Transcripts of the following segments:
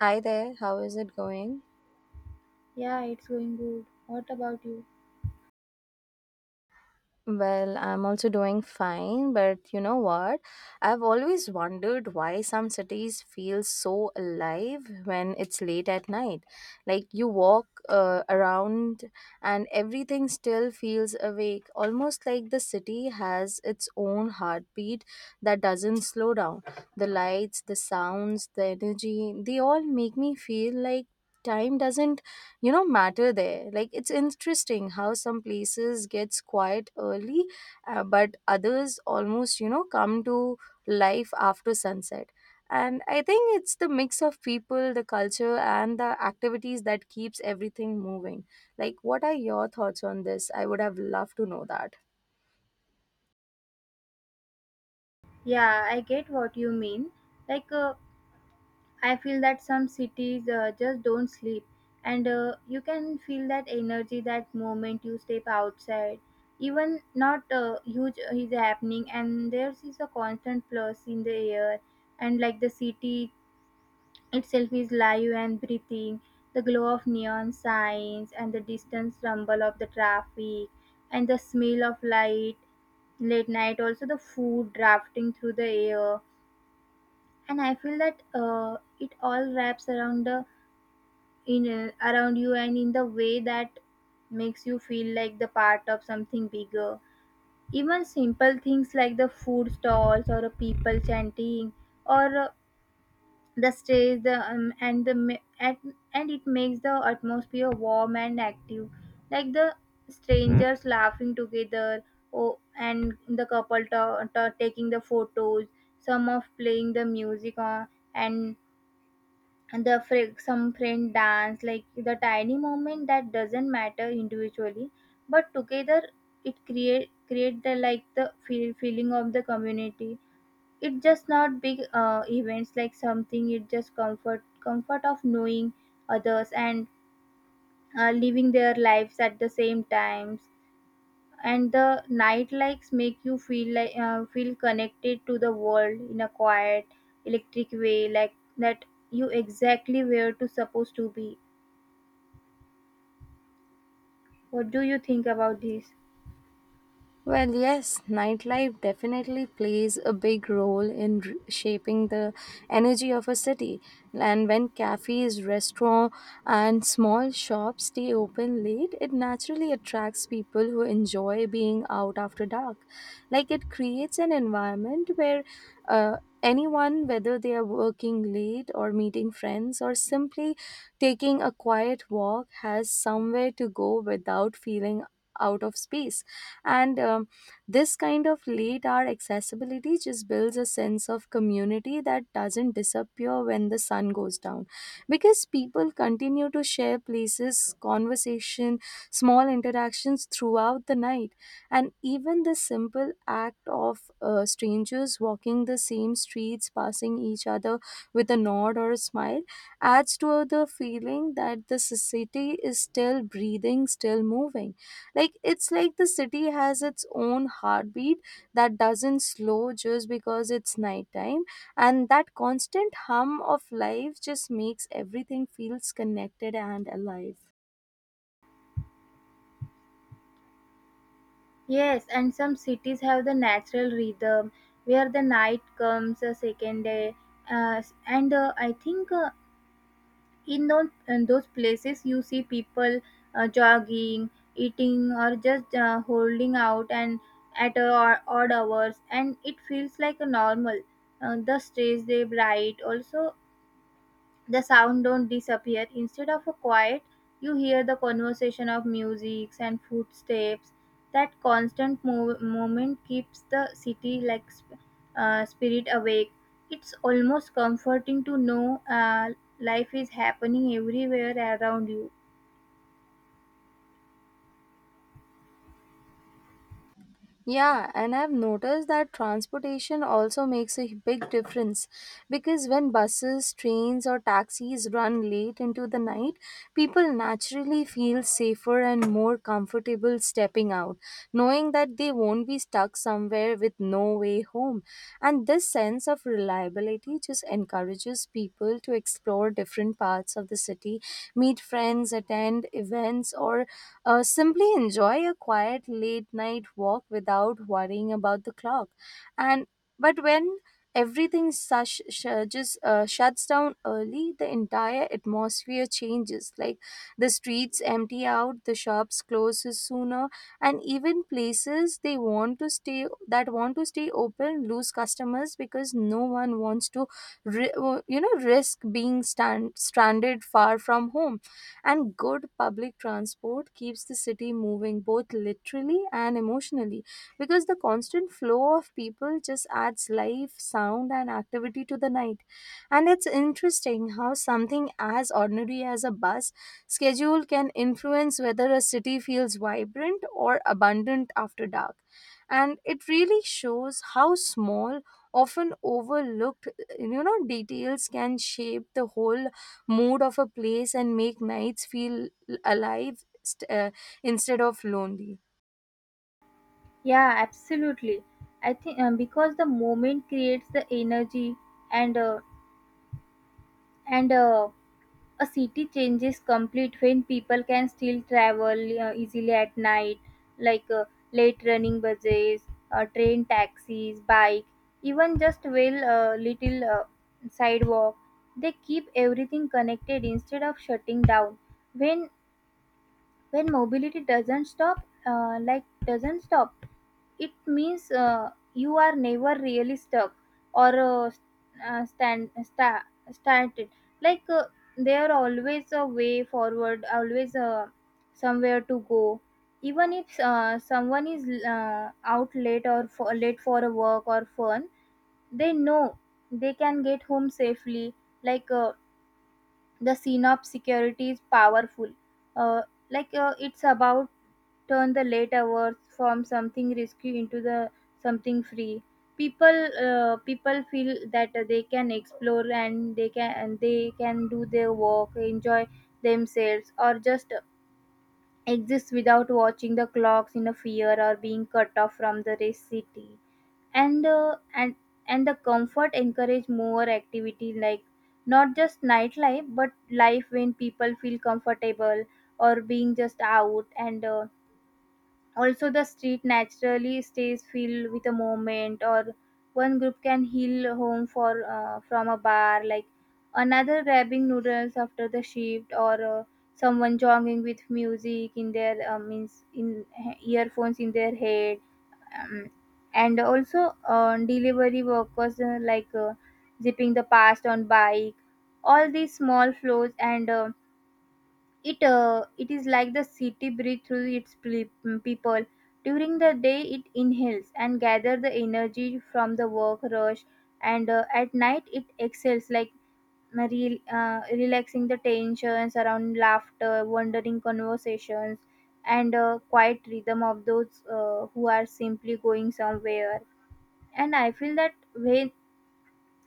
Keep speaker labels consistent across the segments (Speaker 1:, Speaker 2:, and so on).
Speaker 1: Hi there, how is it going?
Speaker 2: Yeah, it's going good. What about you?
Speaker 1: Well, I'm also doing fine, but you know what? I've always wondered why some cities feel so alive when it's late at night. Like you walk around, and everything still feels awake, almost like the city has its own heartbeat that doesn't slow down. The lights, the sounds, the energy, they all make me feel like time doesn't matter there. Like it's interesting how some places gets quiet early, but others almost come to life after sunset. And I think it's the mix of people, the culture, and the activities that keeps everything moving. Like, what are your thoughts on this? I would have loved to know that.
Speaker 2: Yeah, I get what you mean. Like, I feel that some cities just don't sleep, and you can feel that energy that moment you step outside. Even not huge is happening, and there is a constant plus in the air, and like the city itself is live and breathing. The glow of neon signs and the distant rumble of the traffic and the smell of light late night also the food drafting through the air, and I feel that it all wraps around the in around you and in the way that makes you feel like the part of something bigger. Even simple things like the food stalls or a people chanting or the stage the and the and it makes the atmosphere warm and active, like the Mhm. strangers laughing together. Oh, and the couple taking the photos, some of playing the music on, and the some friend dance, like the tiny moment that doesn't matter individually, but together it create the like the feeling of the community. It just not big events like something. It just comfort of knowing others and living their lives at the same times. And the night likes make you feel like feel connected to the world in a quiet, electric way, like that you exactly where to supposed to be. What do you think about this?
Speaker 1: Well, yes, nightlife definitely plays a big role in shaping the energy of a city. And when cafes, restaurants, and small shops stay open late, it naturally attracts people who enjoy being out after dark. Like, it creates an environment where uh, anyone, whether they are working late or meeting friends or simply taking a quiet walk, has somewhere to go without feeling out of space. And this kind of late hour accessibility just builds a sense of community that doesn't disappear when the sun goes down, because people continue to share places, conversation, small interactions throughout the night. And even the simple act of strangers walking the same streets, passing each other with a nod or a smile, adds to the feeling that the society is still breathing, still moving. Like, it's like the city has its own heartbeat that doesn't slow just because it's nighttime, and that constant hum of life just makes everything feels connected and alive.
Speaker 2: Yes, and some cities have the natural rhythm where the night comes a second day. And I think in those places you see people jogging, eating, or just holding out and at odd hours, and it feels like a normal. The streets they bright, also the sound don't disappear instead of a quiet. You hear the conversation of music and footsteps, that constant movement keeps the city like spirit awake. It's almost comforting to know life is happening everywhere around you.
Speaker 1: Yeah, and I've noticed that transportation also makes a big difference, because when buses, trains, or taxis run late into the night, people naturally feel safer and more comfortable stepping out, knowing that they won't be stuck somewhere with no way home. And this sense of reliability just encourages people to explore different parts of the city, meet friends, attend events, or simply enjoy a quiet late night walk without worrying about the clock. And but when everything just shuts down early, the entire atmosphere changes. Like, the streets empty out, the shops closes sooner, and even places they want to stay that want to stay open lose customers because no one wants to, ri- you know, risk being stranded far from home. And good public transport keeps the city moving both literally and emotionally, because the constant flow of people just adds life, sound, and activity to the night. And it's interesting how something as ordinary as a bus schedule can influence whether a city feels vibrant or abundant after dark. And it really shows how small, often overlooked, you know, details can shape the whole mood of a place and make nights feel alive st- uh, instead of lonely.
Speaker 2: Yeah, absolutely. I think because the moment creates the energy, and uh, and a city changes complete when people can still travel easily at night. Like late running buses, train, taxis, bike, even just well little sidewalk, they keep everything connected instead of shutting down. When when mobility doesn't stop, like doesn't stop, it means you are never really stuck or stand started. Like there are always a way forward, always somewhere to go. Even if someone is out late or for, late for a work or fun, they know they can get home safely. Like the scene of security is powerful. Uh, like uh, it's about turn the late hours from something risky into the something free. People, people feel that they can explore and they can do their work, enjoy themselves, or just exist without watching the clocks in a fear or being cut off from the race city. And uh, and and the comfort encourage more activity, like not just nightlife but life. When people feel comfortable or being just out and also the street naturally stays filled with a moment, or one group can heal home for from a bar, like another grabbing noodles after the shift, or someone jogging with music in their means in earphones in their head. um, and also delivery workers like zipping the past on bike, all these small flows and it is like the city breathe through its people. During the day, it inhales and gather the energy from the work rush, and at night it exhales like relaxing the tensions around laughter, wandering conversations, and quiet rhythm of those who are simply going somewhere. And I feel that when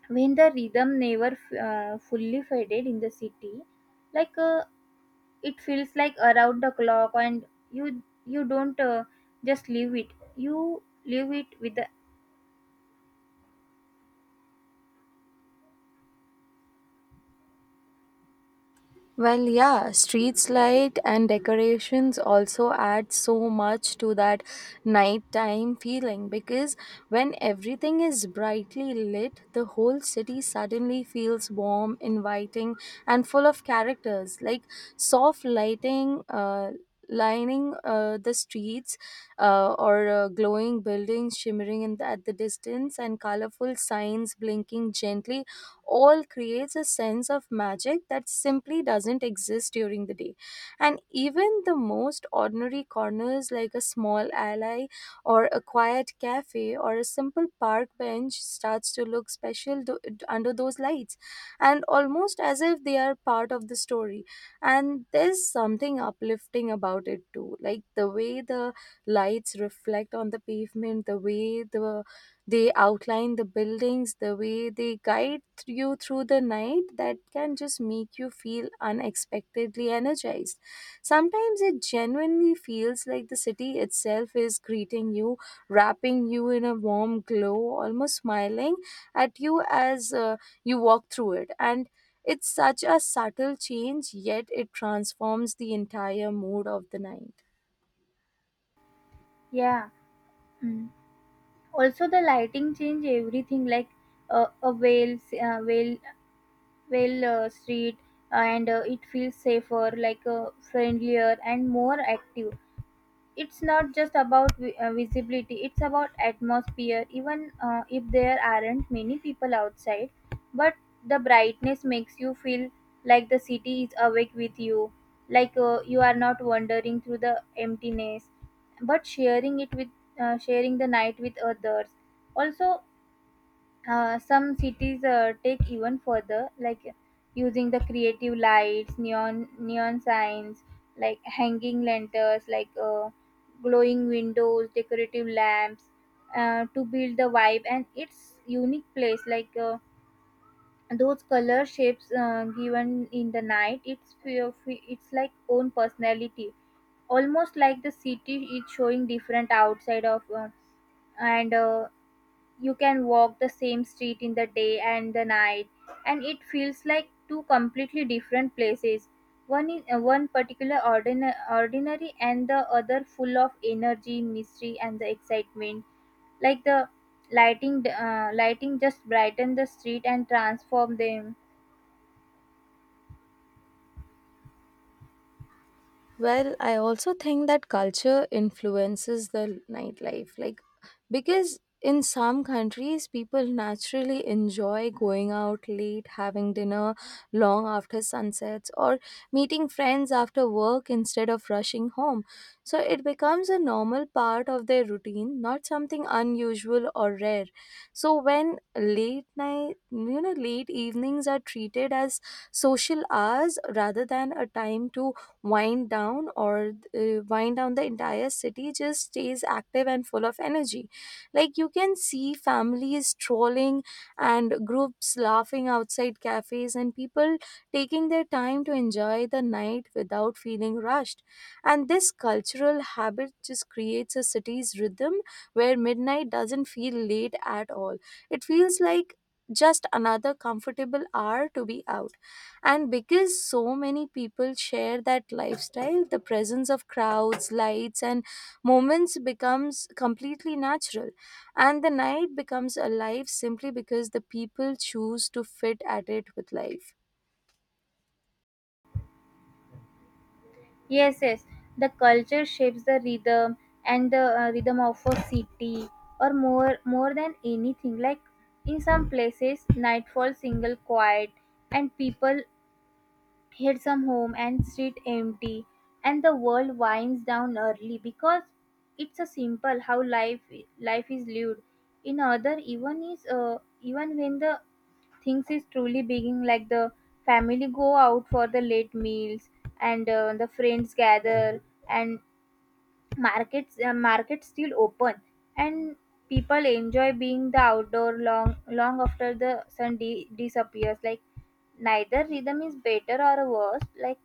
Speaker 2: when the rhythm never fully faded in the city, like it feels like around the clock, and you don't just leave it, you leave it with the
Speaker 1: Well, yeah, streets light and decorations also add so much to that nighttime feeling, because when everything is brightly lit, the whole city suddenly feels warm, inviting, and full of characters. Like, soft lighting, lining the streets, or glowing buildings shimmering in at the distance, and colorful signs blinking gently all creates a sense of magic that simply doesn't exist during the day. And even the most ordinary corners, like a small alley or a quiet cafe or a simple park bench, starts to look special under those lights, and almost as if they are part of the story. And there's something uplifting about it too, like the way the lights reflect on the pavement, the way they outline the buildings, the way they guide you through the night, that can just make you feel unexpectedly energized. Sometimes it genuinely feels like the city itself is greeting you, wrapping you in a warm glow, almost smiling at you as you walk through it. And it's such a subtle change, yet it transforms the entire mood of the night.
Speaker 2: yeah. Mm. Also the lighting change everything like a whale whale whale street, and it feels safer, like friendlier and more active. It's not just about visibility, it's about atmosphere, even if there aren't many people outside, but the brightness makes you feel like the city is awake with you. Like you are not wandering through the emptiness but sharing it with sharing the night with others. Also some cities take even further, like using the creative lights, neon signs, like hanging lanterns, like glowing windows, decorative lamps, to build the vibe and its unique place. Like those color shapes given in the night, it's it's like own personality, almost like the city is showing different outside of and you can walk the same street in the day and the night and it feels like two completely different places. One is one particular ordinary and the other full of energy, mystery, and the excitement, like the lighting just brighten the street and transform them.
Speaker 1: Well, I also think that culture influences the nightlife. Like, because in some countries, people naturally enjoy going out late, having dinner long after sunsets, or meeting friends after work instead of rushing home. So it becomes a normal part of their routine, not something unusual or rare. So when late night, you know, late evenings are treated as social hours rather than a time to wind down, the entire city just stays active and full of energy. Like, you can see families strolling and groups laughing outside cafes and people taking their time to enjoy the night without feeling rushed. And this cultural habit just creates a city's rhythm where midnight doesn't feel late at all. It feels like just another comfortable hour to be out. And because so many people share that lifestyle, the presence of crowds, lights, and moments becomes completely natural. And the night becomes alive simply because the people choose to fit at it with life.
Speaker 2: Yes, yes. The culture shapes the rhythm and the rhythm of a city, or more than anything. Like in some places, nightfall single quiet, and people head some home and street empty, and the world winds down early because it's a simple how life is lived. In other, even is even when the things is truly being like the family go out for the late meals, and the friends gather, and markets markets still open, and people enjoy being the outdoor long after the sun disappears, like neither rhythm is better or worse, like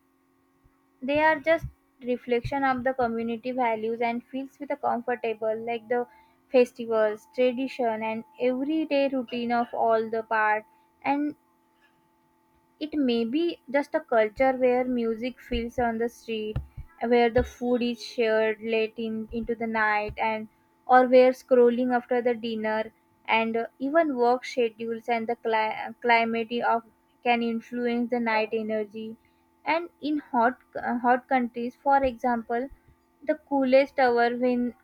Speaker 2: they are just reflection of the community values and feels with a comfortable, like the festivals, tradition, and everyday routine of all the part. And it may be just a culture where music fills on the street, where the food is shared late in, into the night, and or where scrolling after the dinner. And even work schedules and the climate of can influence the night energy. And in hot hot countries, for example, the coolest hour when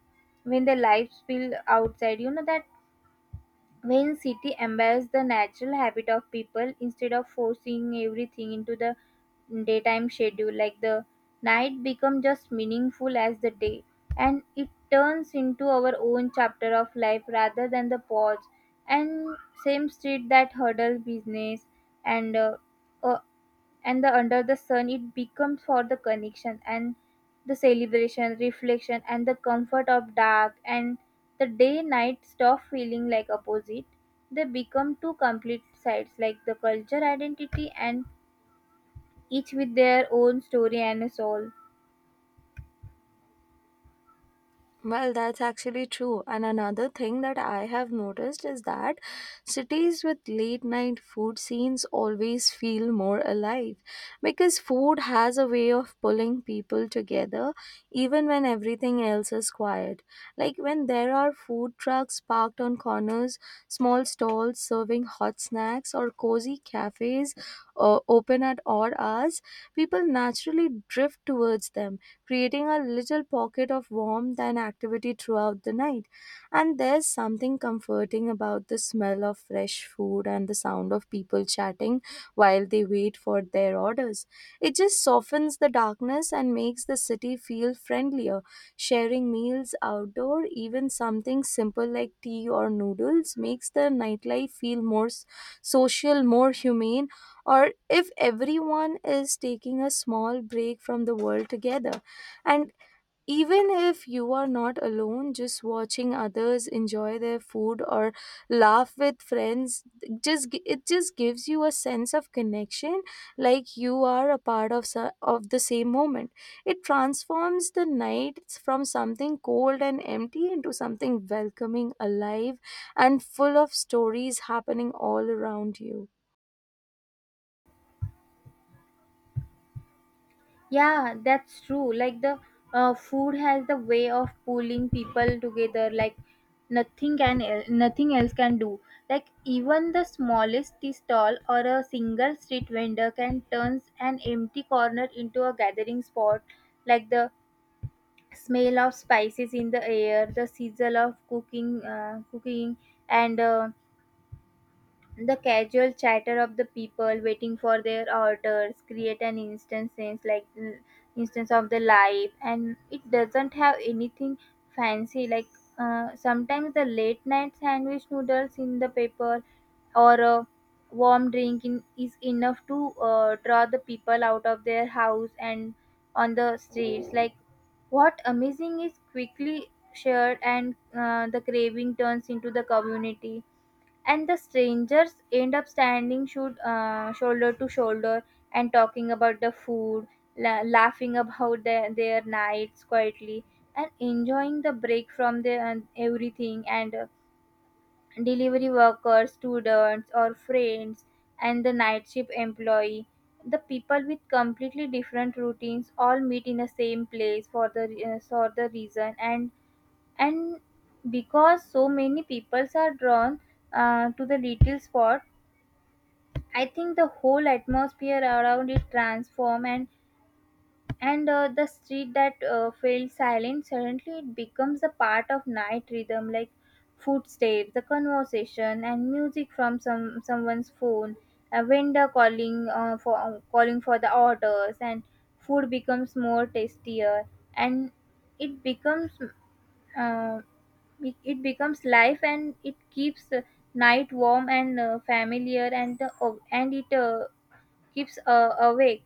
Speaker 2: the lights spill outside, you know that when city embrace the natural habit of people instead of forcing everything into the daytime schedule, like the night become just meaningful as the day, and it turns into our own chapter of life rather than the pause. And same street that hurdles business and uh, uh, and the under the sun, it becomes for the connection and the celebration, reflection, and the comfort of dark. And the day night stop feeling like opposite, they become two complete sides like the culture identity, and each with their own story and soul.
Speaker 1: Well, that's actually true. And another thing that I have noticed is that cities with late night food scenes always feel more alive, because food has a way of pulling people together even when everything else is quiet. Like, when there are food trucks parked on corners, small stalls serving hot snacks, or cozy cafes open at odd hours, people naturally drift towards them, creating a little pocket of warmth and activity throughout the night. And there's something comforting about the smell of fresh food and the sound of people chatting while they wait for their orders. It just softens the darkness and makes the city feel friendlier. Sharing meals outdoor, even something simple like tea or noodles, makes the nightlife feel more social, more humane, or if everyone is taking a small break from the world together. And even if you are not alone, just watching others enjoy their food or laugh with friends, it just gives you a sense of connection, like you are a part of of the same moment. It transforms the nights from something cold and empty into something welcoming, alive, and full of stories happening all around you.
Speaker 2: Yeah, that's true. Like the food has the way of pulling people together, like nothing can nothing else can do. Like even the smallest tea stall or a single street vendor can turn an empty corner into a gathering spot. Like the smell of spices in the air, the sizzle of cooking, cooking, and the casual chatter of the people waiting for their orders create an instant sense, like instance of the life, and it doesn't have anything fancy. Like sometimes the late night sandwich, noodles in the paper, or a warm drink in, is enough to draw the people out of their house and on the streets, like what amazing is quickly shared, and the craving turns into the community, and the strangers end up standing shoulder to shoulder and talking about the food, laughing about their nights quietly and enjoying the break from the and everything. And delivery workers, students, or friends, and the night shift employee, the people with completely different routines all meet in the same place for the reason. And because so many peoples are drawn to the little spot, I think the whole atmosphere around it transform. And the street that felt silent suddenly it becomes a part of night rhythm, like footsteps, the conversation, and music from someone's phone, a vendor calling for calling for the orders. And food becomes more tastier, and it becomes uh, it becomes life, and it keeps night warm and familiar, and it keeps awake.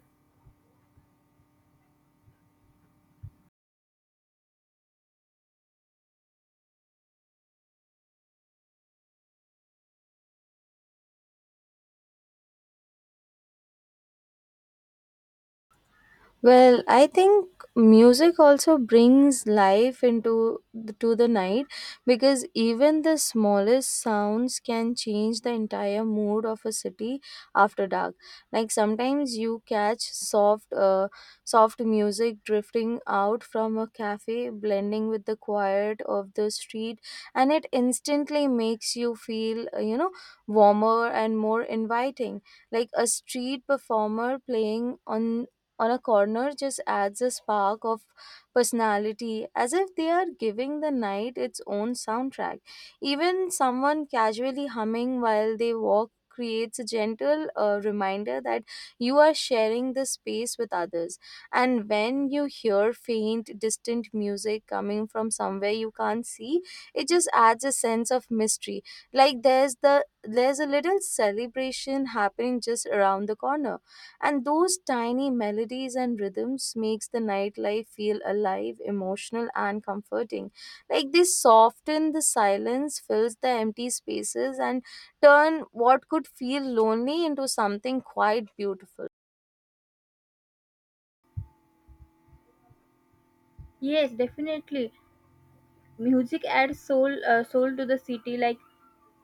Speaker 1: Well, I think music also brings life into to the night, because even the smallest sounds can change the entire mood of a city after dark. Like, sometimes you catch soft music drifting out from a cafe, blending with the quiet of the street, and it instantly makes you feel, you know, warmer and more inviting. Like a street performer playing on a corner just adds a spark of personality, as if they are giving the night its own soundtrack. Even someone casually humming while they walk creates a gentle reminder that you are sharing the space with others. And when you hear faint, distant music coming from somewhere you can't see, it just adds a sense of mystery. Like, there's a little celebration happening just around the corner, and those tiny melodies and rhythms makes the nightlife feel alive, emotional, and comforting. Like, they soften the silence, fills the empty spaces, and turn what could feel lonely into something quite beautiful.
Speaker 2: Yes, definitely. Music adds soul, soul to the city, like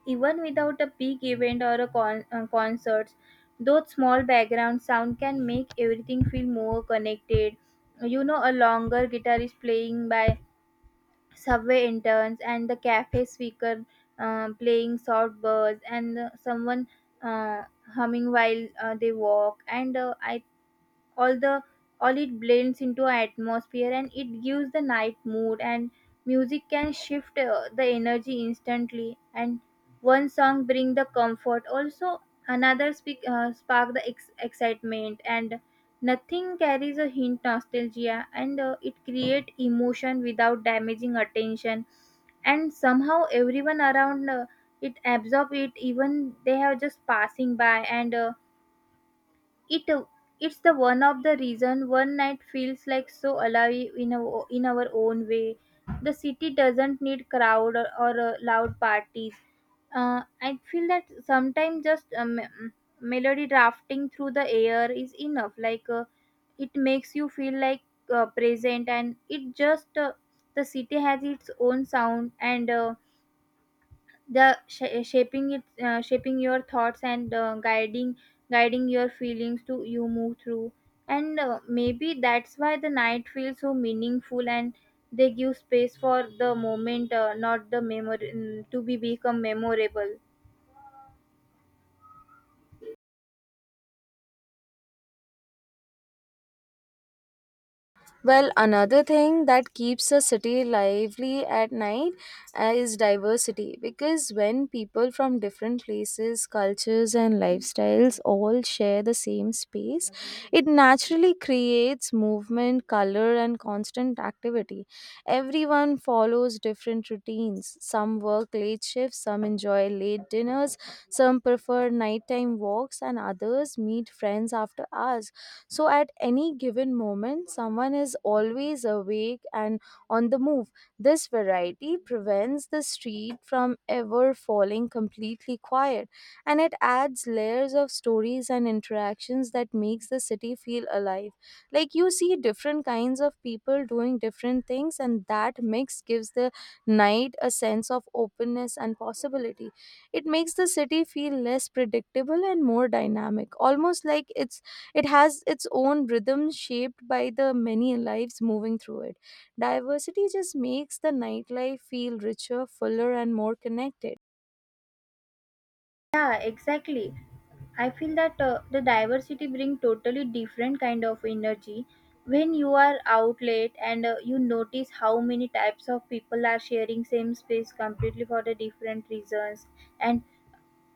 Speaker 2: even without a big event or a concerts, those small background sound can make everything feel more connected. You know, a longer guitar is playing by subway interns and the cafe speaker playing soft birds, and someone uh, humming while they walk, and I all the all it blends into our atmosphere, and it gives the night mood. And music can shift the energy instantly, and one song bring the comfort. Also another spark the excitement, and nothing carries a hint nostalgia, and it create emotion without damaging attention. And somehow everyone around it absorb it even they have just passing by, and it uh, it's the one of the reason one night feels like so alive in in our own way. The city doesn't need crowd or loud parties. I feel that sometimes just melody drafting through the air is enough, like it makes you feel like present, and it just the city has its own sound, and shaping it, shaping your thoughts and guiding your feelings to you move through. And maybe that's why the night feels so meaningful, and they give space for the moment, not the memory, to be become memorable.
Speaker 1: Well, another thing that keeps a city lively at night is diversity, because when people from different places, cultures, and lifestyles all share the same space, it naturally creates movement, color, and constant activity. Everyone follows different routines. Some work late shifts, some enjoy late dinners, some prefer nighttime walks, and others meet friends after hours, so at any given moment, someone is always awake and on the move. This variety prevents the street from ever falling completely quiet, and it adds layers of stories and interactions that makes the city feel alive. Like, you see different kinds of people doing different things, and that mix gives the night a sense of openness and possibility. It makes the city feel less predictable and more dynamic, almost like it has its own rhythm shaped by the many lives moving through it. Diversity just makes the nightlife feel richer, fuller, and more connected.
Speaker 2: Yeah, exactly. I feel that the diversity bring totally different kind of energy when you are out late, and you notice how many types of people are sharing same space completely for the different reasons. And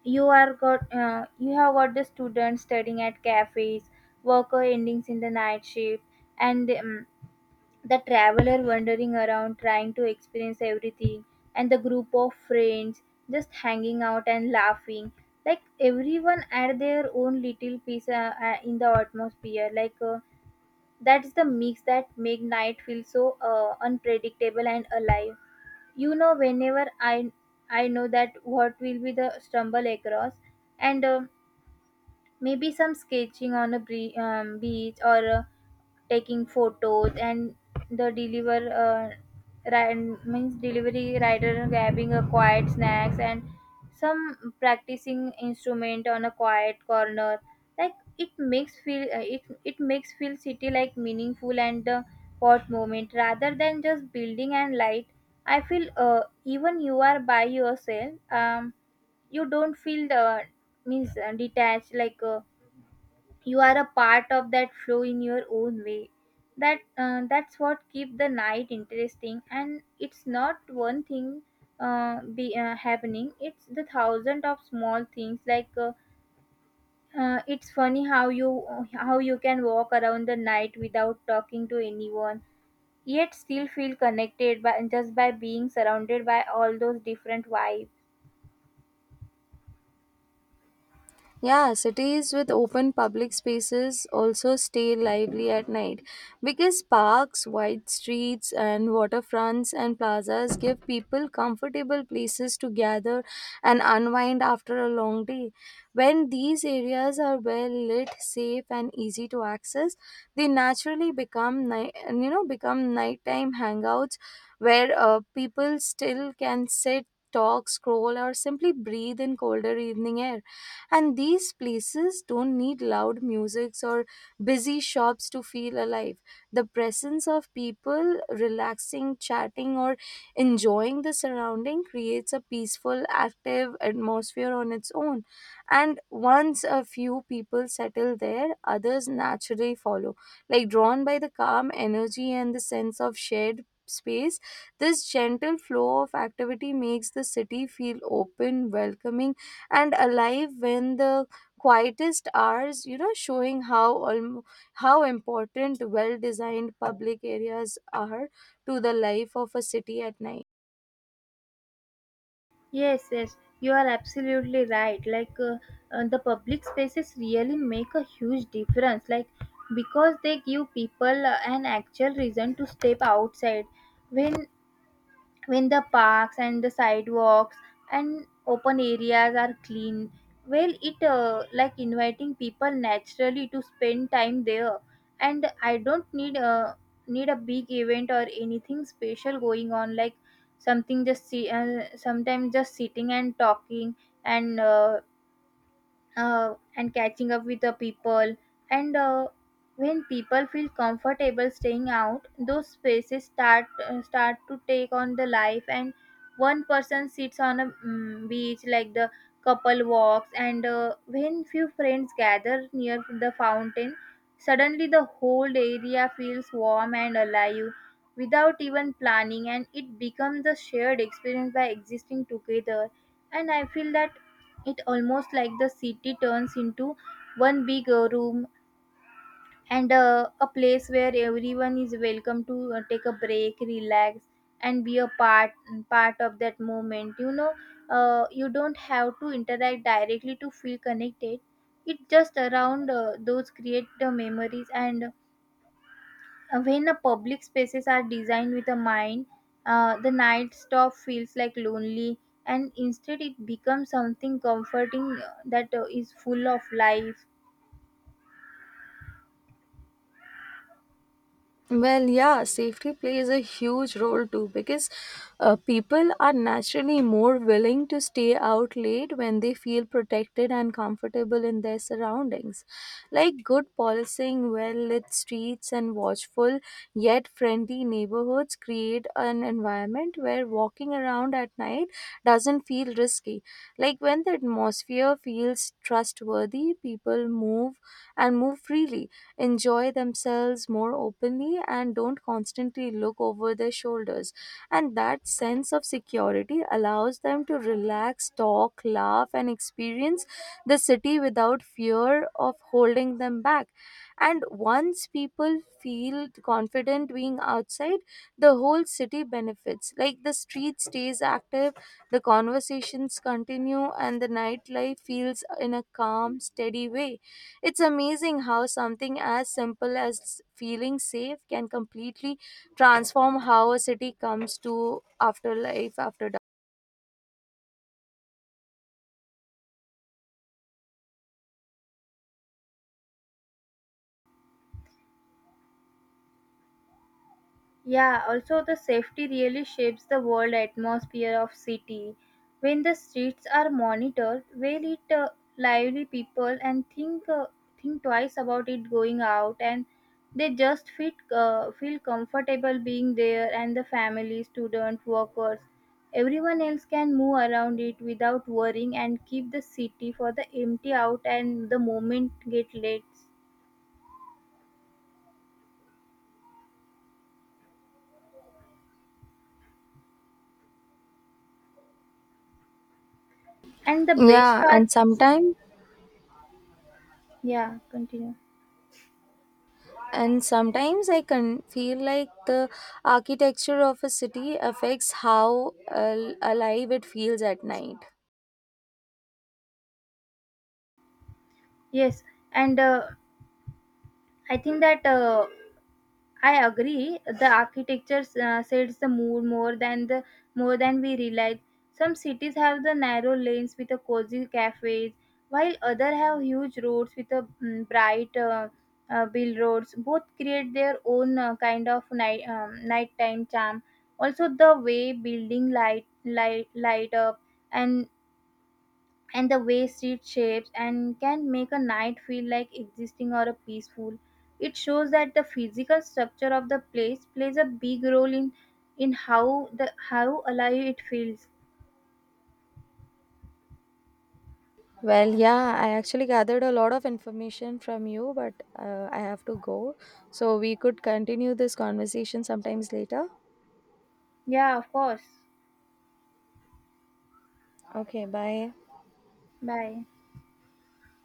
Speaker 2: you have got the students studying at cafes, worker endings in the night shift, and the traveler wandering around trying to experience everything, and the group of friends just hanging out and laughing. Like everyone at their own little piece, in the atmosphere, like that's the mix that make night feel so unpredictable and alive. You know, whenever I know that what will be the stumble across, and maybe some sketching on a beach or taking photos, and the deliver uh, means delivery rider grabbing a quiet snacks, and some practicing instrument on a quiet corner. Like it makes feel, it makes feel city like meaningful and hot moment rather than just building and light. I feel even you are by yourself, you don't feel the means, detached, like you are a part of that flow in your own way. That's what keep the night interesting, and it's not one thing be happening. It's the thousand of small things, like it's funny how you can walk around the night without talking to anyone, yet still feel connected by just by being surrounded by all those different vibes.
Speaker 1: Yeah, cities with open public spaces also stay lively at night, because parks, wide streets, and waterfronts and plazas give people comfortable places to gather and unwind after a long day. When these areas are well lit, safe, and easy to access, they naturally become night, you know, become nighttime hangouts where people still can sit, talk, scroll, or simply breathe in colder evening air. And these places don't need loud musics or busy shops to feel alive. The presence of people relaxing, chatting, or enjoying the surrounding creates a peaceful, active atmosphere on its own. And once a few people settle there, others naturally follow, like drawn by the calm energy and the sense of shared space. This gentle flow of activity makes the city feel open, welcoming, and alive when the quietest hours, you know, showing how how important well designed public areas are to the life of a city at night.
Speaker 2: Yes, yes, you are absolutely right. Like the public spaces really make a huge difference. Like because they give people an actual reason to step outside. When when the parks and the sidewalks and open areas are clean, well it like inviting people naturally to spend time there. And I don't need a need a big event or anything special going on. Like something just see sometimes just sitting and talking and uh, and catching up with the people. And when people feel comfortable staying out, those spaces start to take on the life. And one person sits on a beach, like the couple walks, and when few friends gather near the fountain, suddenly the whole area feels warm and alive without even planning, and it becomes a shared experience by existing together. And I feel that it almost like the city turns into one big room, and a place where everyone is welcome to take a break, relax, and be a part of that moment. You know, you don't have to interact directly to feel connected. It just around, those create the memories. And when a public spaces are designed with a mind, the night stop feels like lonely, and instead it becomes something comforting that is full of life.
Speaker 1: Well, yeah, safety plays a huge role too, because people are naturally more willing to stay out late when they feel protected and comfortable in their surroundings. Like, good policing, well lit streets, and watchful yet friendly neighborhoods create an environment where walking around at night doesn't feel risky. Like, when the atmosphere feels trustworthy, people move freely, enjoy themselves more openly, and don't constantly look over their shoulders. And that sense of security allows them to relax, talk, laugh, and experience the city without fear of holding them back. And once people feel confident being outside, the whole city benefits. Like, the street stays active, the conversations continue, and the nightlife feels in a calm, steady way. It's amazing how something as simple as feeling safe can completely transform how a city comes to after life after dark.
Speaker 2: Yeah, also the safety really shapes the world atmosphere of city. When the streets are monitored, well it lively people, and think twice about it going out, and they just feel comfortable being there, and the family, student, workers, everyone else can move around it without worrying, and keep the city for the empty out and the moment get late. And the best
Speaker 1: Yeah,
Speaker 2: part,
Speaker 1: and sometimes
Speaker 2: yeah, continue.
Speaker 1: and sometimes I can feel like the architecture of a city affects how alive it feels at night.
Speaker 2: Yes, and I think that I agree. The architecture sets the mood more than we realize. Some cities have the narrow lanes with the cozy cafes, while other have huge roads with the bright bill roads. Both create their own kind of night, nighttime charm. Also, the way building light up and and the way street shapes and can make a night feel like existing or a peaceful. It shows that the physical structure of the place plays a big role in in how how alive it feels.
Speaker 1: Well, yeah, I actually gathered a lot of information from you, but I have to go. So we could continue this conversation sometimes later.
Speaker 2: Yeah, of course.
Speaker 1: Okay, bye.
Speaker 2: Bye.